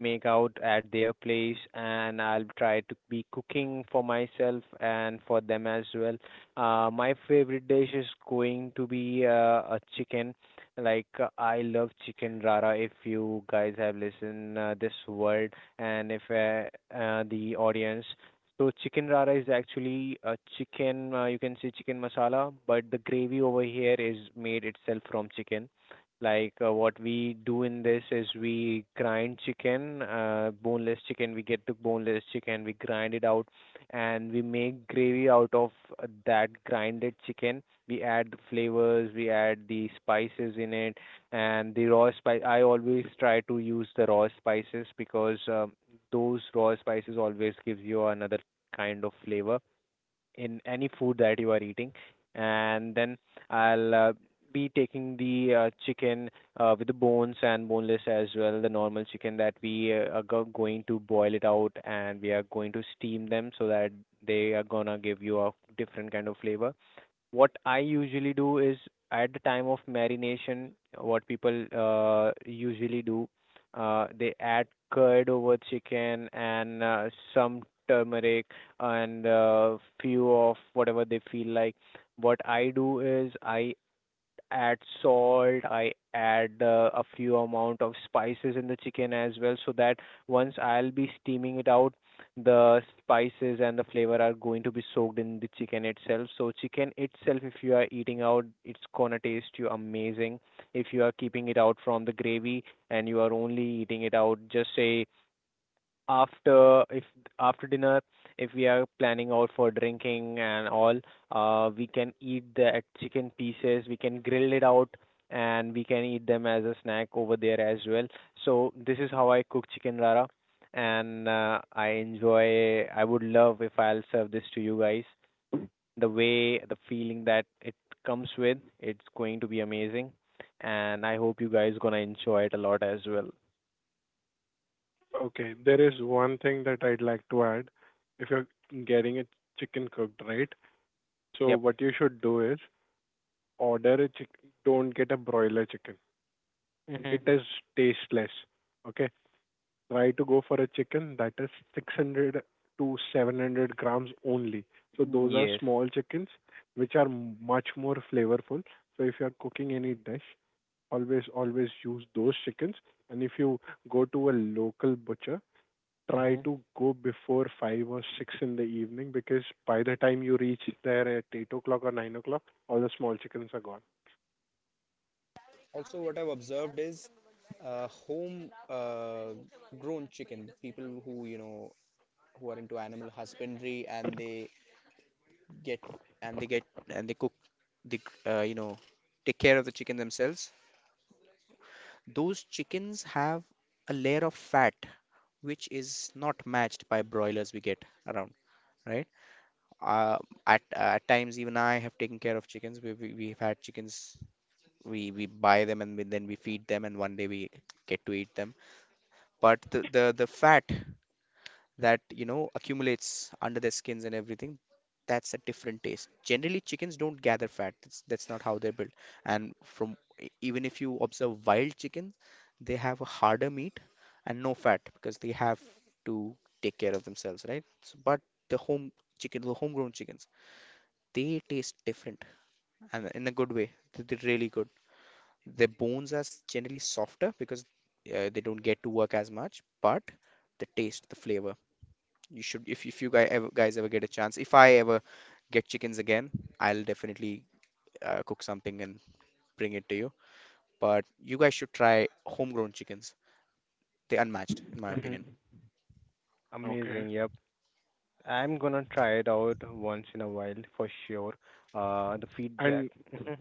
[SPEAKER 1] make out at their place, and I'll try to be cooking for myself and for them as well. My favorite dish is going to be a chicken. Like I love chicken rara. If you guys have listened this word, and if the audience, so chicken rara is actually a chicken. You can say chicken masala, but the gravy over here is made itself from chicken. Like what we do in this is we grind chicken, boneless chicken. We get the boneless chicken. We grind it out and we make gravy out of that grinded chicken. We add the flavors, we add the spices in it, and the raw spice. I always try to use the raw spices because those raw spices always gives you another kind of flavor in any food that you are eating. And then I'll be taking the chicken with the bones and boneless as well, the normal chicken that we are going to boil it out, and we are going to steam them so that they are gonna give you a different kind of flavor. What I usually do is, at the time of marination, what people usually do, they add curd over chicken and some turmeric and few of whatever they feel like. What I do is I add salt. I add a few amount of spices in the chicken as well so that once I'll be steaming it out, the spices and the flavor are going to be soaked in the chicken itself. So chicken itself, if you are eating out, it's gonna taste you amazing if you are keeping it out from the gravy and you are only eating it out. Just say, after, if after dinner, if we are planning out for drinking and all, we can eat the chicken pieces, we can grill it out, and we can eat them as a snack over there as well. So this is how I cook chicken rara. And I enjoy. I would love if I'll serve this to you guys. The way, the feeling that it comes with, it's going to be amazing, and I hope you guys gonna enjoy it a lot as well.
[SPEAKER 2] okay, there is one thing that I'd like to add. If you're getting a chicken cooked, right, so
[SPEAKER 1] Yep.
[SPEAKER 2] what you should do is order a chicken. Don't get a broiler chicken. It
[SPEAKER 1] Mhm.
[SPEAKER 2] is tasteless. Okay. Try to go for a chicken that is 600 to 700 grams only. So those are
[SPEAKER 1] Yes.
[SPEAKER 2] small chickens which are much more flavorful. So if you're cooking any dish, always, always use those chickens. And if you go to a local butcher, try
[SPEAKER 1] Mhm.
[SPEAKER 2] to go before 5 or 6 in the evening because by the time you reach there at 8 o'clock or 9 o'clock, all the small chickens are gone.
[SPEAKER 3] Also, what I've observed is home uh, grown chicken. People who you know who are into animal husbandry and they get and they get and they cook the you know take care of the chicken themselves. Those chickens have a layer of fat which is not matched by broilers we get around. Right? Uh, at times even I have taken care of chickens. We've had chickens, we buy them and then we feed them and one day we get to eat them. But the fat that you know accumulates under their skins and everything, that's a different taste. Generally chickens don't gather fat. That's not how they're built. And from even if you observe wild chickens, they have a harder meat and no fat because they have to take care of themselves, right? So, but the home chicken, the homegrown chickens, they taste different, and in a good way. They're really good. Their bones are generally softer because they don't get to work as much, but the taste, the flavor. You should, if, guys ever get a chance, if I ever get chickens again, I'll definitely cook something and bring it to you. But you guys should try homegrown chickens. They're unmatched, in my
[SPEAKER 1] Hmm.
[SPEAKER 3] opinion.
[SPEAKER 2] Okay.
[SPEAKER 1] Amazing. Yep. I'm gonna try it out once in a while for sure. The feedback.
[SPEAKER 2] And
[SPEAKER 1] Hmm.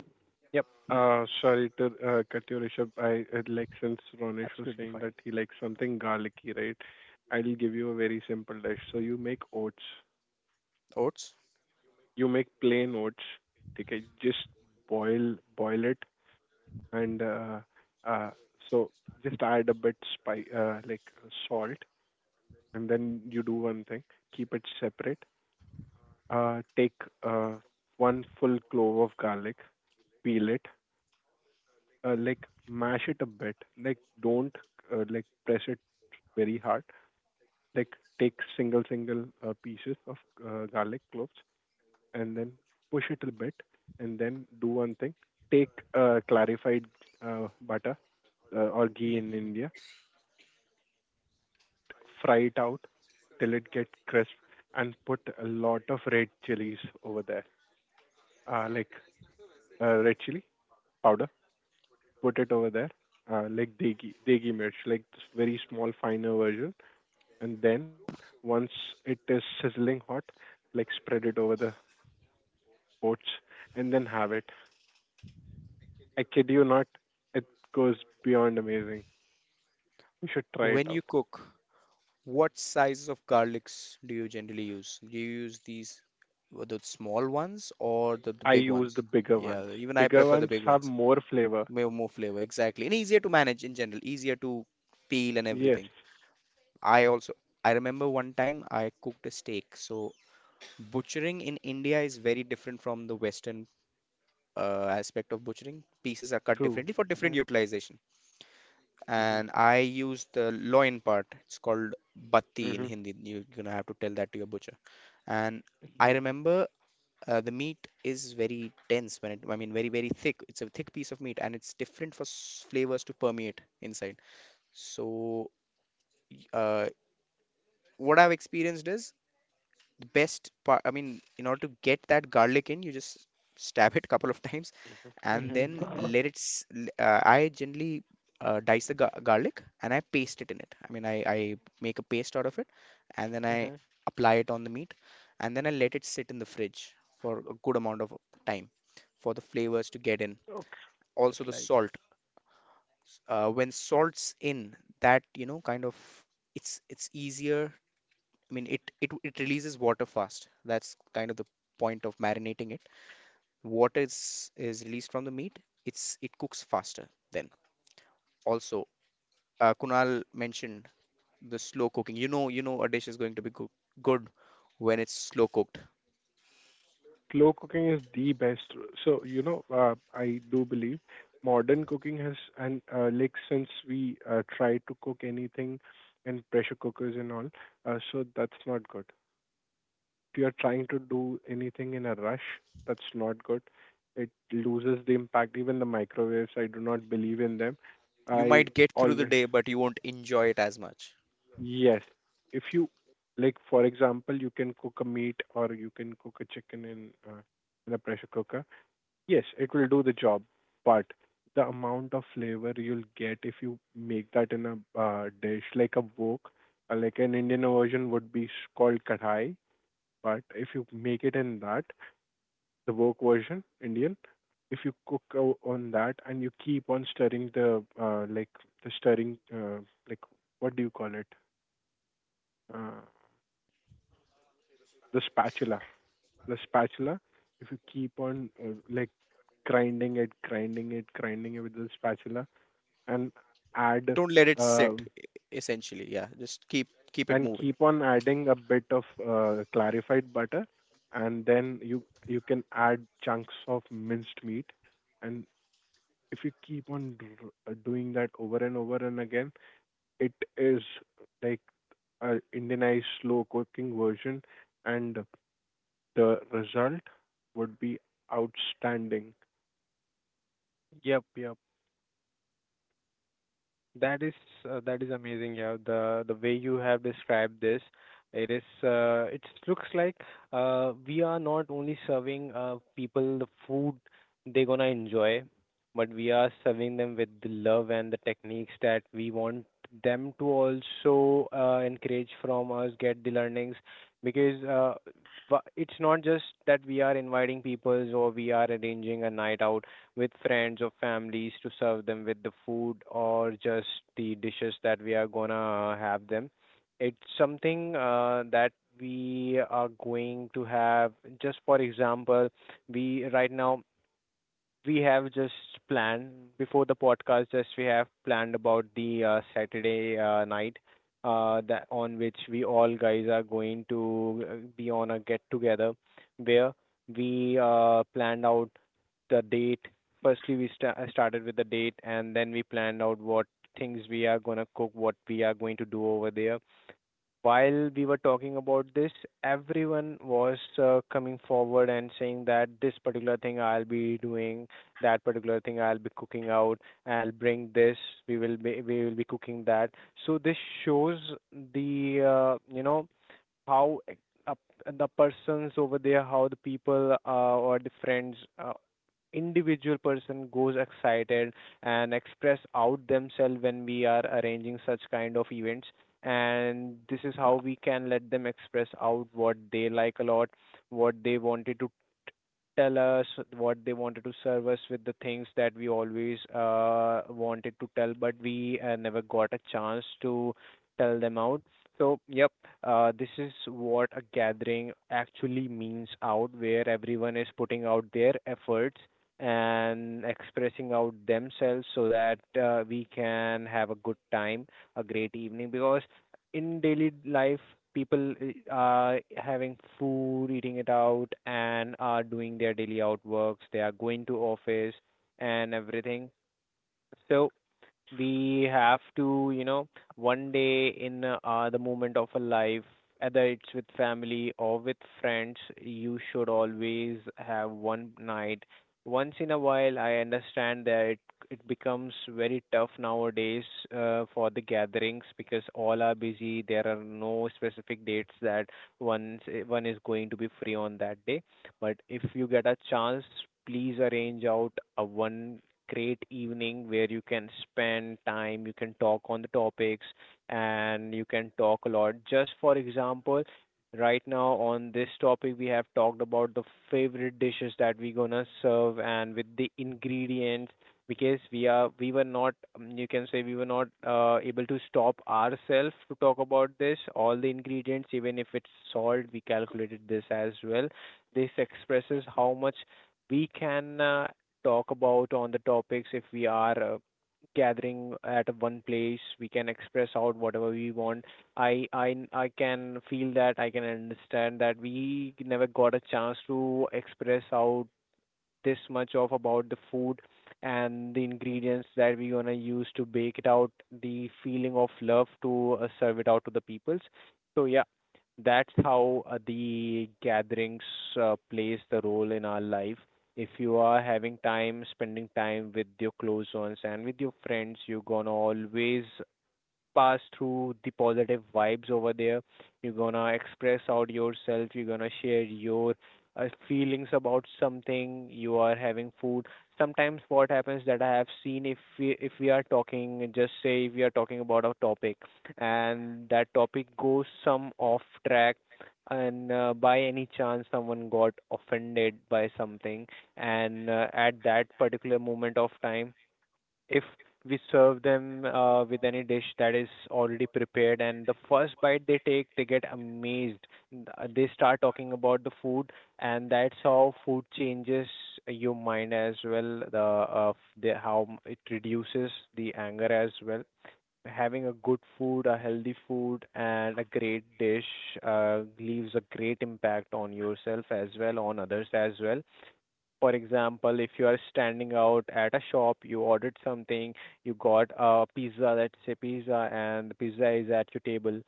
[SPEAKER 1] Yep.
[SPEAKER 2] Sorry to cut you, Rishabh. I like since Ronesh was
[SPEAKER 1] Absolutely
[SPEAKER 2] saying
[SPEAKER 1] fine.
[SPEAKER 2] that he likes something garlicky, right? I'll give you a very simple dish. So you make oats.
[SPEAKER 3] Oats.
[SPEAKER 2] You make plain oats. Okay, just boil it, and uh, so just add a bit spi like salt, and then you do one thing. Keep it separate. Take uh, one full clove of garlic, peel it, like mash it a bit. Like don't like press it very hard. Like take single pieces of garlic cloves and then push it a bit, and then do one thing. Take clarified butter, or ghee in
[SPEAKER 3] Hmm.
[SPEAKER 2] India, fry it out till it get crisp, and put a lot of red chilies over there. Like red chili powder, put it over there. Like degi mirch, like this very small finer version. And then once it is sizzling hot, like spread it over the oats, and then have it. I kid you not, it goes beyond amazing. You should try it
[SPEAKER 3] When you
[SPEAKER 2] out.
[SPEAKER 3] cook, what sizes of garlics do you generally use? Do you use these, the small ones or the
[SPEAKER 2] I
[SPEAKER 3] big
[SPEAKER 2] use
[SPEAKER 3] ones?
[SPEAKER 2] the bigger ones.
[SPEAKER 3] Yeah, even I
[SPEAKER 2] Bigger
[SPEAKER 3] prefer the
[SPEAKER 2] ones
[SPEAKER 3] big
[SPEAKER 2] have
[SPEAKER 3] ones.
[SPEAKER 2] more flavor.
[SPEAKER 3] More flavor, exactly. And easier to manage in general, easier to peel and
[SPEAKER 2] Yes.
[SPEAKER 3] everything. I also, I remember one time I cooked a steak. So, butchering in India is very different from the Western aspect of butchering. Pieces are cut
[SPEAKER 1] True.
[SPEAKER 3] differently for
[SPEAKER 1] Hmm.
[SPEAKER 3] different utilization.
[SPEAKER 2] Mhm.
[SPEAKER 3] And I used the loin part. It's called batti in
[SPEAKER 2] Mhm.
[SPEAKER 3] Hindi. You're gonna have to tell that to your butcher. And
[SPEAKER 1] Hmm.
[SPEAKER 3] I
[SPEAKER 2] Mhm.
[SPEAKER 3] remember the meat is very dense when it, I mean, very, very thick. It's a thick piece of meat and it's different for flavors to permeate inside. So, uh, what I've experienced is the best part. I mean, in order to get that garlic in, you just stab it a couple of times and
[SPEAKER 1] Hmm.
[SPEAKER 3] then let it. I generally dice the ga garlic and I paste it in it. I mean, I make a paste out of it and then I
[SPEAKER 1] Hmm.
[SPEAKER 3] apply it on the meat and then I let it sit in the fridge for a good amount of time for the flavors to get in.
[SPEAKER 2] Okay.
[SPEAKER 3] Also,
[SPEAKER 1] It's
[SPEAKER 3] the
[SPEAKER 1] like,
[SPEAKER 3] salt. When salt's in, that you know, kind of, it's easier. I mean, it releases water fast. That's kind of the point of marinating it. Water is released from the meat. It's it cooks faster then. Also, Kunal mentioned the slow cooking. You know, a dish is going to be good when it's slow cooked.
[SPEAKER 2] Slow cooking is the best. So you know, I do believe modern cooking has, and like since we try to cook anything in pressure cookers and all, so that's not good. If you're trying to do anything in a rush, that's not good. It loses the impact. Even the microwaves, I do not believe in them.
[SPEAKER 3] You
[SPEAKER 2] I
[SPEAKER 3] might get through the
[SPEAKER 2] always,
[SPEAKER 3] day, but you won't enjoy it as much.
[SPEAKER 2] yes. If you, like, for example, you can cook a meat or you can cook a chicken in, in a pressure cooker. Yes, it will do the job, but the amount of flavor you'll get if you make that in a dish like a wok, like an Indian version would be called kadhai. But if you make it in that, the wok version, Indian. If you cook on that and you keep on stirring the like the stirring like what do you call it? Uh, the the spatula. If you keep on like grinding it with the spatula, and add
[SPEAKER 3] Don't let it sit,
[SPEAKER 2] um,
[SPEAKER 3] essentially. Yeah, just keep it
[SPEAKER 2] and
[SPEAKER 3] moving.
[SPEAKER 2] keep on adding a bit of clarified butter, and then you can add chunks of minced meat, and if you keep on doing that over and over and again, it is like a Indianized slow cooking version, and the result would be outstanding.
[SPEAKER 1] yep, yep. That is that is amazing, yeah. The way you have described this, it is it looks like we are not only serving people the food they're gonna enjoy, but we are serving them with the love and the techniques that we want them to also encourage from us, get the learnings. Because it's not just that we are inviting peoples or we are arranging a night out with friends or families to serve them with the food or just the dishes that we are gonna have them. It's something that we are going to have. Just for example, we right now, we have just planned before the podcast. Just we have planned about the Saturday night. That on which we all guys are going to be on a get together where we planned out the date. Firstly, we I started with the date, and then we planned out what things we are gonna cook, what we are going to do over there. While we were talking about this, everyone was coming forward and saying that this particular thing I'll be doing, that particular thing I'll be cooking out, I'll bring this, we will be cooking that. So this shows the you know, how ex- up the persons over there, how the people or the friends, individual person goes excited and express out themselves when we are arranging such kind of events. And this is how we can let them express out what they like a lot, what they wanted to tell us, what they wanted to serve us, with the things that we always wanted to tell, but we never got a chance to tell them out. So, yep, this is what a gathering actually means out, where everyone is putting out their efforts and expressing out themselves so that we can have a good time, a great evening. Because in daily life, people are having food, eating it out, and are doing their daily outworks. They are going to office and everything. So we have to, you know, one day in the moment of a life, whether it's with family or with friends, you should always have one night once in a while. I understand that it becomes very tough nowadays for the gatherings because all are busy. There are no specific dates that one's one is going to be free on that day. But if you get a chance, please arrange out a one great evening where you can spend time, you can talk on the topics, and you can talk a lot. Just for example, right now on this topic we have talked about the favorite dishes that we're gonna serve and with the ingredients, because we were not you can say we were not able to stop ourselves to talk about this, all the ingredients, even if it's salt, we calculated this as well. This expresses how much we can talk about on the topics if we are gathering at one place. We can express out whatever we want. I can feel that, I can understand that we never got a chance to express out this much of about the food and the ingredients that we're gonna use to bake it out, the feeling of love to serve it out to the peoples. So yeah, that's how the gatherings plays the role in our life. If you are having time, spending time with your close ones and with your friends, you're gonna always pass through the positive vibes over there. You're gonna express out yourself. You're gonna share your feelings about something. You are having food. Sometimes what happens that I have seen, if we are talking, just say we are talking about a topic, and that topic goes some off track. And by any chance, someone got offended by something, and at that particular moment of time, if we serve them with any dish that is already prepared, and the first bite they take, they get amazed. They start talking about the food, and that's how food changes your mind as well. The how it reduces the anger as well. Having a good food, a healthy food, and a great dish leaves a great impact on yourself as well, on others as well. For example, if you are standing out at a shop, you ordered something, you got a pizza, let's say pizza, and the pizza is at your table.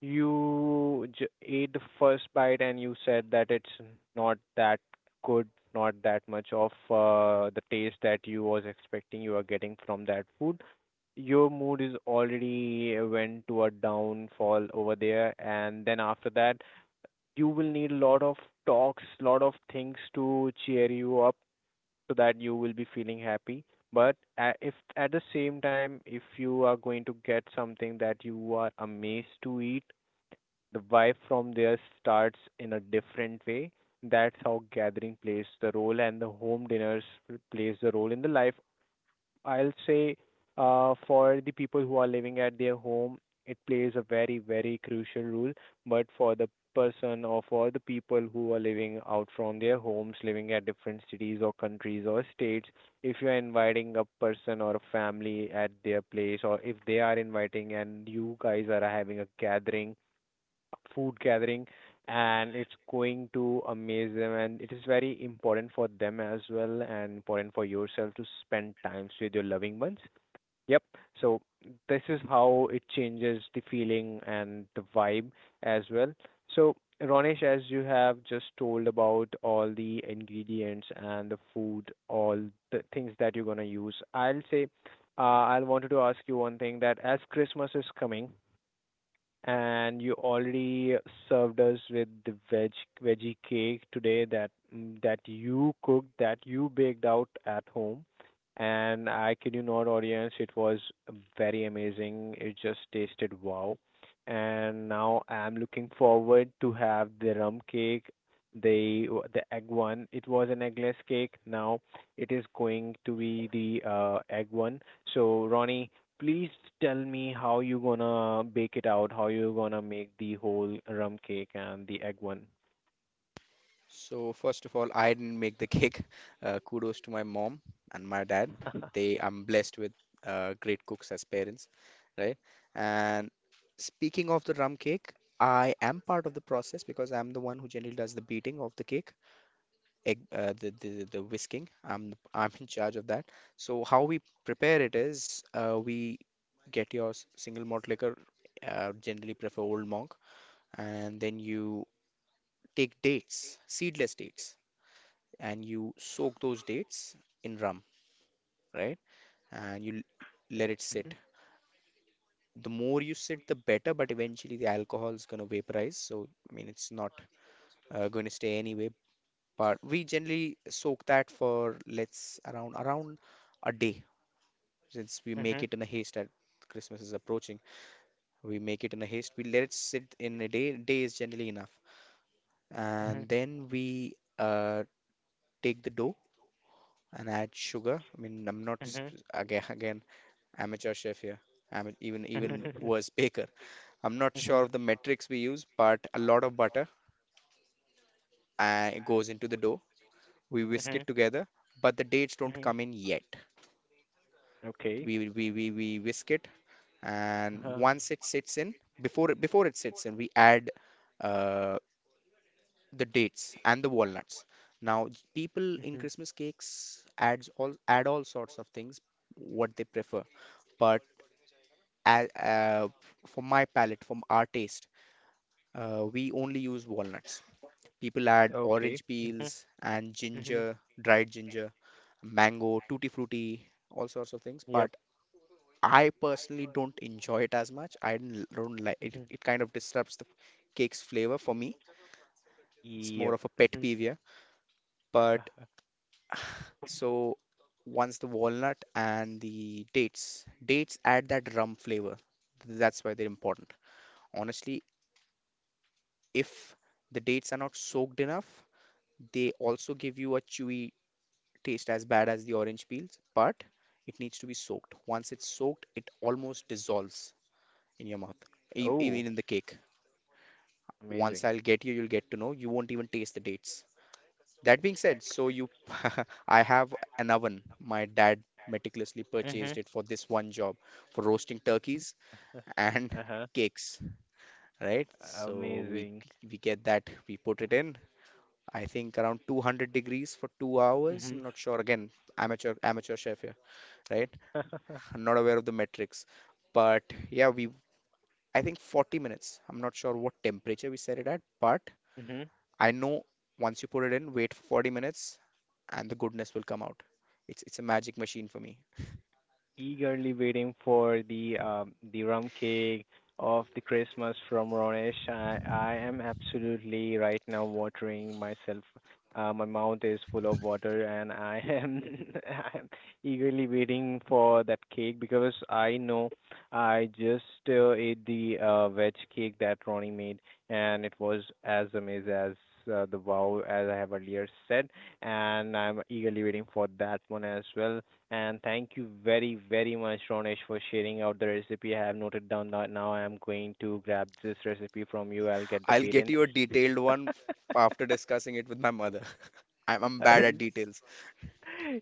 [SPEAKER 1] You ate the first bite and you said that it's not that good, not that much of the taste that you was expecting you are getting from that food. Your mood is already went to a downfall over there, and then after that you will need a lot of talks, lot of things to cheer you up so that you will be feeling happy. But if at the same time, if you are going to get something that you are amazed to eat, the vibe from there starts in a different way. That's how gathering plays the role, and the home dinners plays the role in the life, I'll say. For the people who are living at their home, it plays a very, very crucial role. But for the person or for the people who are living out from their homes, living at different cities or countries or states, if you're inviting a person or a family at their place, or if they are inviting and you guys are having a gathering, food gathering, and it's going to amaze them, and it is very important for them as well and important for yourself to spend times with your loving ones. Yep. So this is how it changes the feeling and the vibe as well. So, Ronesh, as you have just told about all the ingredients and the food, all the things that you're going to use, I'll say, I'll wanted to ask you one thing that as Christmas is coming, and you already served us with the veggie cake today, that you cooked, that you baked out at home, and I kid you not, audience, it was very amazing. It just tasted wow. And now I'm looking forward to have the rum cake, the the egg one. It was an eggless cake. Now it is going to be the egg one. So, Ronnie, please tell me how you gonna bake it out, how you gonna make the whole rum cake and the egg one.
[SPEAKER 3] So first of all, I didn't make the cake. Kudos to my mom and my dad.
[SPEAKER 1] Mhm.
[SPEAKER 3] They I'm blessed with great cooks as parents, right? And speaking of the rum cake, I am part of the process because I'm the one who generally does the beating of the cake, egg, the whisking. I'm in charge of that. So how we prepare it is we get your single malt liquor, generally prefer Old Monk, and then you take dates, seedless dates, and you soak those dates in rum, right? And you let it sit. The more you sit, the better, but eventually the alcohol is going to vaporize. So, I mean, it's not going to stay anyway. But we generally soak that for let's around a day since we make
[SPEAKER 1] Mhm.
[SPEAKER 3] it in a haste at Christmas is approaching. We make it in a haste. We let it sit in a day. Day is generally enough.
[SPEAKER 1] Mhm.
[SPEAKER 3] And then we take the dough and add sugar. I mean, I'm not
[SPEAKER 1] Mhm.
[SPEAKER 3] again again, amateur chef here. I mean, even even worse, baker. I'm not
[SPEAKER 1] Mhm.
[SPEAKER 3] sure
[SPEAKER 1] Mhm.
[SPEAKER 3] of the metrics we use, but a lot of butter it goes into the dough. We whisk
[SPEAKER 1] Mhm.
[SPEAKER 3] it together, but the dates don't
[SPEAKER 1] Mhm.
[SPEAKER 3] come in yet.
[SPEAKER 1] Okay.
[SPEAKER 3] We whisk it, and
[SPEAKER 1] Uh-huh.
[SPEAKER 3] once it sits in, before it sits in, we add uh, the dates and the walnuts. Now, people in
[SPEAKER 1] Mhm.
[SPEAKER 3] Christmas cakes adds all add all sorts of things what they prefer, but a- uh, for my palate, for our taste. We only use walnuts. People add
[SPEAKER 1] Okay.
[SPEAKER 3] orange
[SPEAKER 1] Mhm.
[SPEAKER 3] peels and
[SPEAKER 1] Mhm.
[SPEAKER 3] ginger, dried ginger, mango, tutti frutti, all sorts of things.
[SPEAKER 1] Yep.
[SPEAKER 3] But I personally don't enjoy it as much. I don't like it.
[SPEAKER 1] Mhm.
[SPEAKER 3] It kind of disrupts the cake's flavor for me. It's more
[SPEAKER 1] Yep.
[SPEAKER 3] of a pet
[SPEAKER 1] Mhm.
[SPEAKER 3] peeve here. But so once the walnut and the dates, dates add that rum flavor. That's why they're important. Honestly, if the dates are not soaked enough, they also give you a chewy taste as bad as the orange peels, but it needs to be soaked. Once it's soaked, it almost dissolves in your mouth,
[SPEAKER 1] Oh,
[SPEAKER 3] even in the cake. Once
[SPEAKER 1] amazing.
[SPEAKER 3] I'll get you, you'll get to know. You won't even taste the dates. That being said, so you, I have an oven. My dad meticulously
[SPEAKER 1] Mhm.
[SPEAKER 3] purchased it for this one job, for roasting turkeys and
[SPEAKER 1] Uh-huh.
[SPEAKER 3] cakes, right? So
[SPEAKER 1] Amazing.
[SPEAKER 3] we get that. We put it in. I think around 200 degrees for two hours. I'm
[SPEAKER 1] Mhm.
[SPEAKER 3] not sure. Again, amateur chef here, right? I'm not aware of the metrics, but yeah, we I think 40 minutes. I'm not sure what temperature we set it at, but
[SPEAKER 1] Mhm.
[SPEAKER 3] I know once you put it in, wait for 40 minutes, and the goodness will come out. It's a magic machine for me.
[SPEAKER 1] Eagerly waiting for the rum cake of the Christmas from Ronesh. I am absolutely right now watering myself. My mouth is full of water, and I am I am eagerly waiting for that cake because I know I just ate the veg cake that Ronnie made, and it was as amazing as the wow, as I have earlier said, and I'm eagerly waiting for that one as well. And thank you very, very much, Ronesh, for sharing out the recipe. I have noted down that now I am going to grab this recipe from you. I'll get the
[SPEAKER 3] I'll get
[SPEAKER 1] patent.
[SPEAKER 3] you a detailed one after discussing it with my mother. I'm bad at details.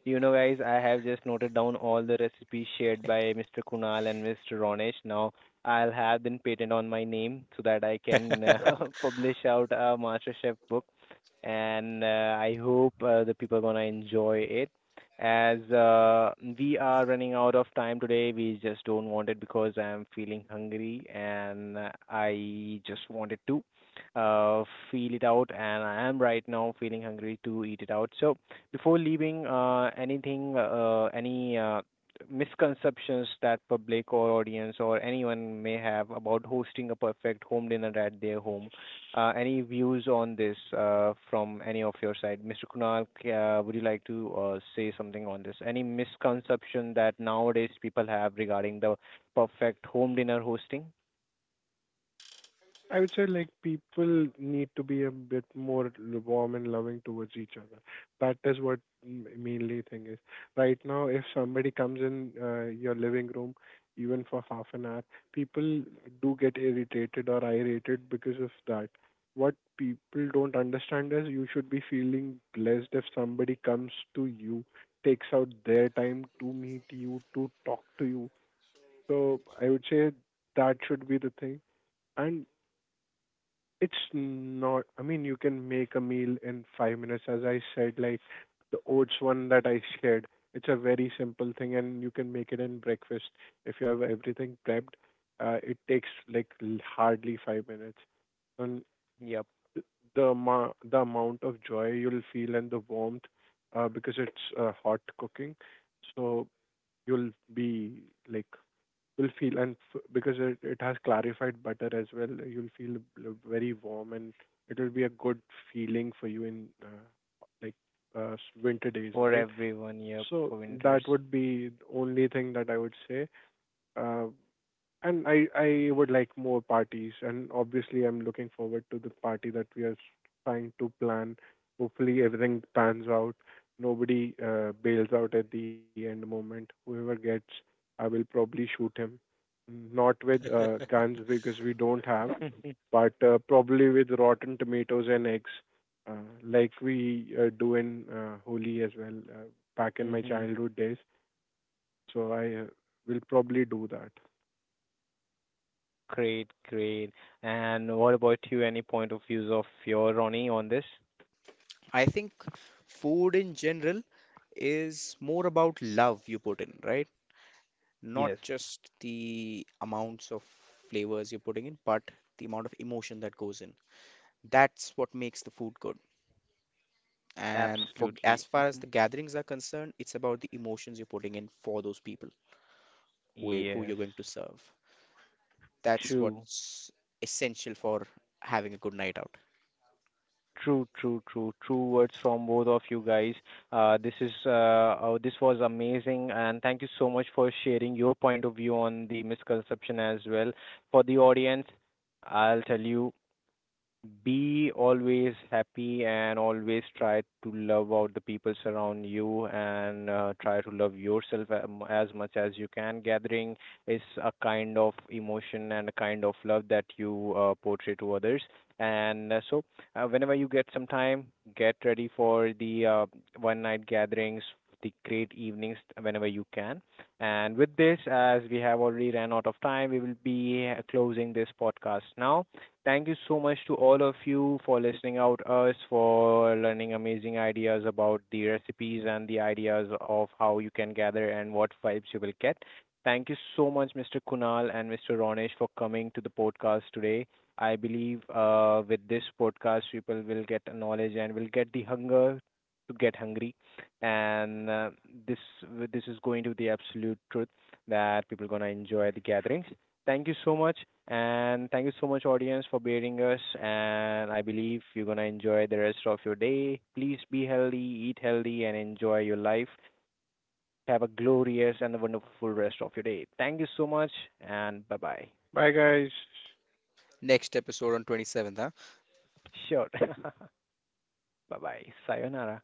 [SPEAKER 1] You know, guys, I have just noted down all the recipes shared by Mr. Kunal and Mr. Ronesh. Now, I'll have them patent on my name so that I can publish out a MasterChef book. And I hope the people gonna enjoy it. As we are running out of time today, we just don't want it because I'm feeling hungry, and I just wanted to uh, feel it out. And I am right now feeling hungry to eat it out. So before leaving, anything, any misconceptions that public or audience or anyone may have about hosting a perfect home dinner at their home? Any views on this from any of your side? Mr. Kunal, would you like to say something on this? Any misconception that nowadays people have regarding the perfect home dinner hosting?
[SPEAKER 2] I would say like people need to be a bit more warm and loving towards each other. That is what mainly thing is. Right now, if somebody comes in your living room, even for half an hour, people do get irritated or irritated because of that. What people don't understand is you should be feeling blessed if somebody comes to you, takes out their time to meet you, to talk to you. So I would say that should be the thing. And it's not, I mean, you can make a meal in 5 minutes. As I said, like the oats one that I shared, it's a very simple thing and you can make it in breakfast. If you have everything prepped, it takes like hardly 5 minutes. And
[SPEAKER 1] Yep,
[SPEAKER 2] th- the the amount of joy you'll feel and the warmth, because it's hot cooking, so you'll be like will feel and because it has clarified butter as well, you'll feel very warm, and it will be a good feeling for you in like winter days,
[SPEAKER 1] for
[SPEAKER 2] right?
[SPEAKER 1] everyone, yep,
[SPEAKER 2] So
[SPEAKER 1] for winters.
[SPEAKER 2] that would be the only thing that I would say. Uh, and I, I would like more parties, and obviously, I'm looking forward to the party that we are trying to plan. Hopefully, everything pans out. Nobody bails out at the end moment. Whoever gets, I will probably shoot him. Not with guns because we don't have, but probably with rotten tomatoes and eggs, like we do in Holi as well, back in my childhood days. So I will probably do that.
[SPEAKER 1] Great, great. And what about you? Any point of views of your Ronnie on this?
[SPEAKER 3] I think food in general is more about love you put in, right? Not
[SPEAKER 1] Yes,
[SPEAKER 3] just the amounts of flavors you're putting in, but the amount of emotion that goes in. That's what makes the food good. And for as
[SPEAKER 1] absolutely.
[SPEAKER 3] far as
[SPEAKER 1] Mhm.
[SPEAKER 3] the gatherings are concerned, it's about the emotions you're putting in for those people who you're
[SPEAKER 1] Yes,
[SPEAKER 3] going to serve. That's
[SPEAKER 1] true,
[SPEAKER 3] what's essential for having a good night out.
[SPEAKER 1] true, true, true, true words from both of you guys. This this was amazing, and thank you so much for sharing your point of view on the misconception as well. For the audience, I'll tell you, be always happy and always try to love out the people around you, and try to love yourself as much as you can. Gathering is a kind of emotion and a kind of love that you portray to others. And so, whenever you get some time, get ready for the one night gatherings, the great evenings whenever you can. And with this, as we have already ran out of time, we will be closing this podcast now. Thank you so much to all of you for listening out us, for learning amazing ideas about the recipes and the ideas of how you can gather and what vibes you will get. Thank you so much, Mr. Kunal and Mr. Ronesh, for coming to the podcast today. I believe with this podcast, people will get knowledge and will get the hunger to get hungry. And this this is going to be the absolute truth that people gonna enjoy the gatherings. Thank you so much, and thank you so much, audience, for bearing us. And I believe you're gonna enjoy the rest of your day. Please be healthy, eat healthy, and enjoy your life. Have a glorious and a wonderful rest of your day. Thank you so much, and bye bye.
[SPEAKER 2] Bye, guys.
[SPEAKER 3] Next episode on 27th, huh?
[SPEAKER 1] Sure. Bye bye. Sayonara.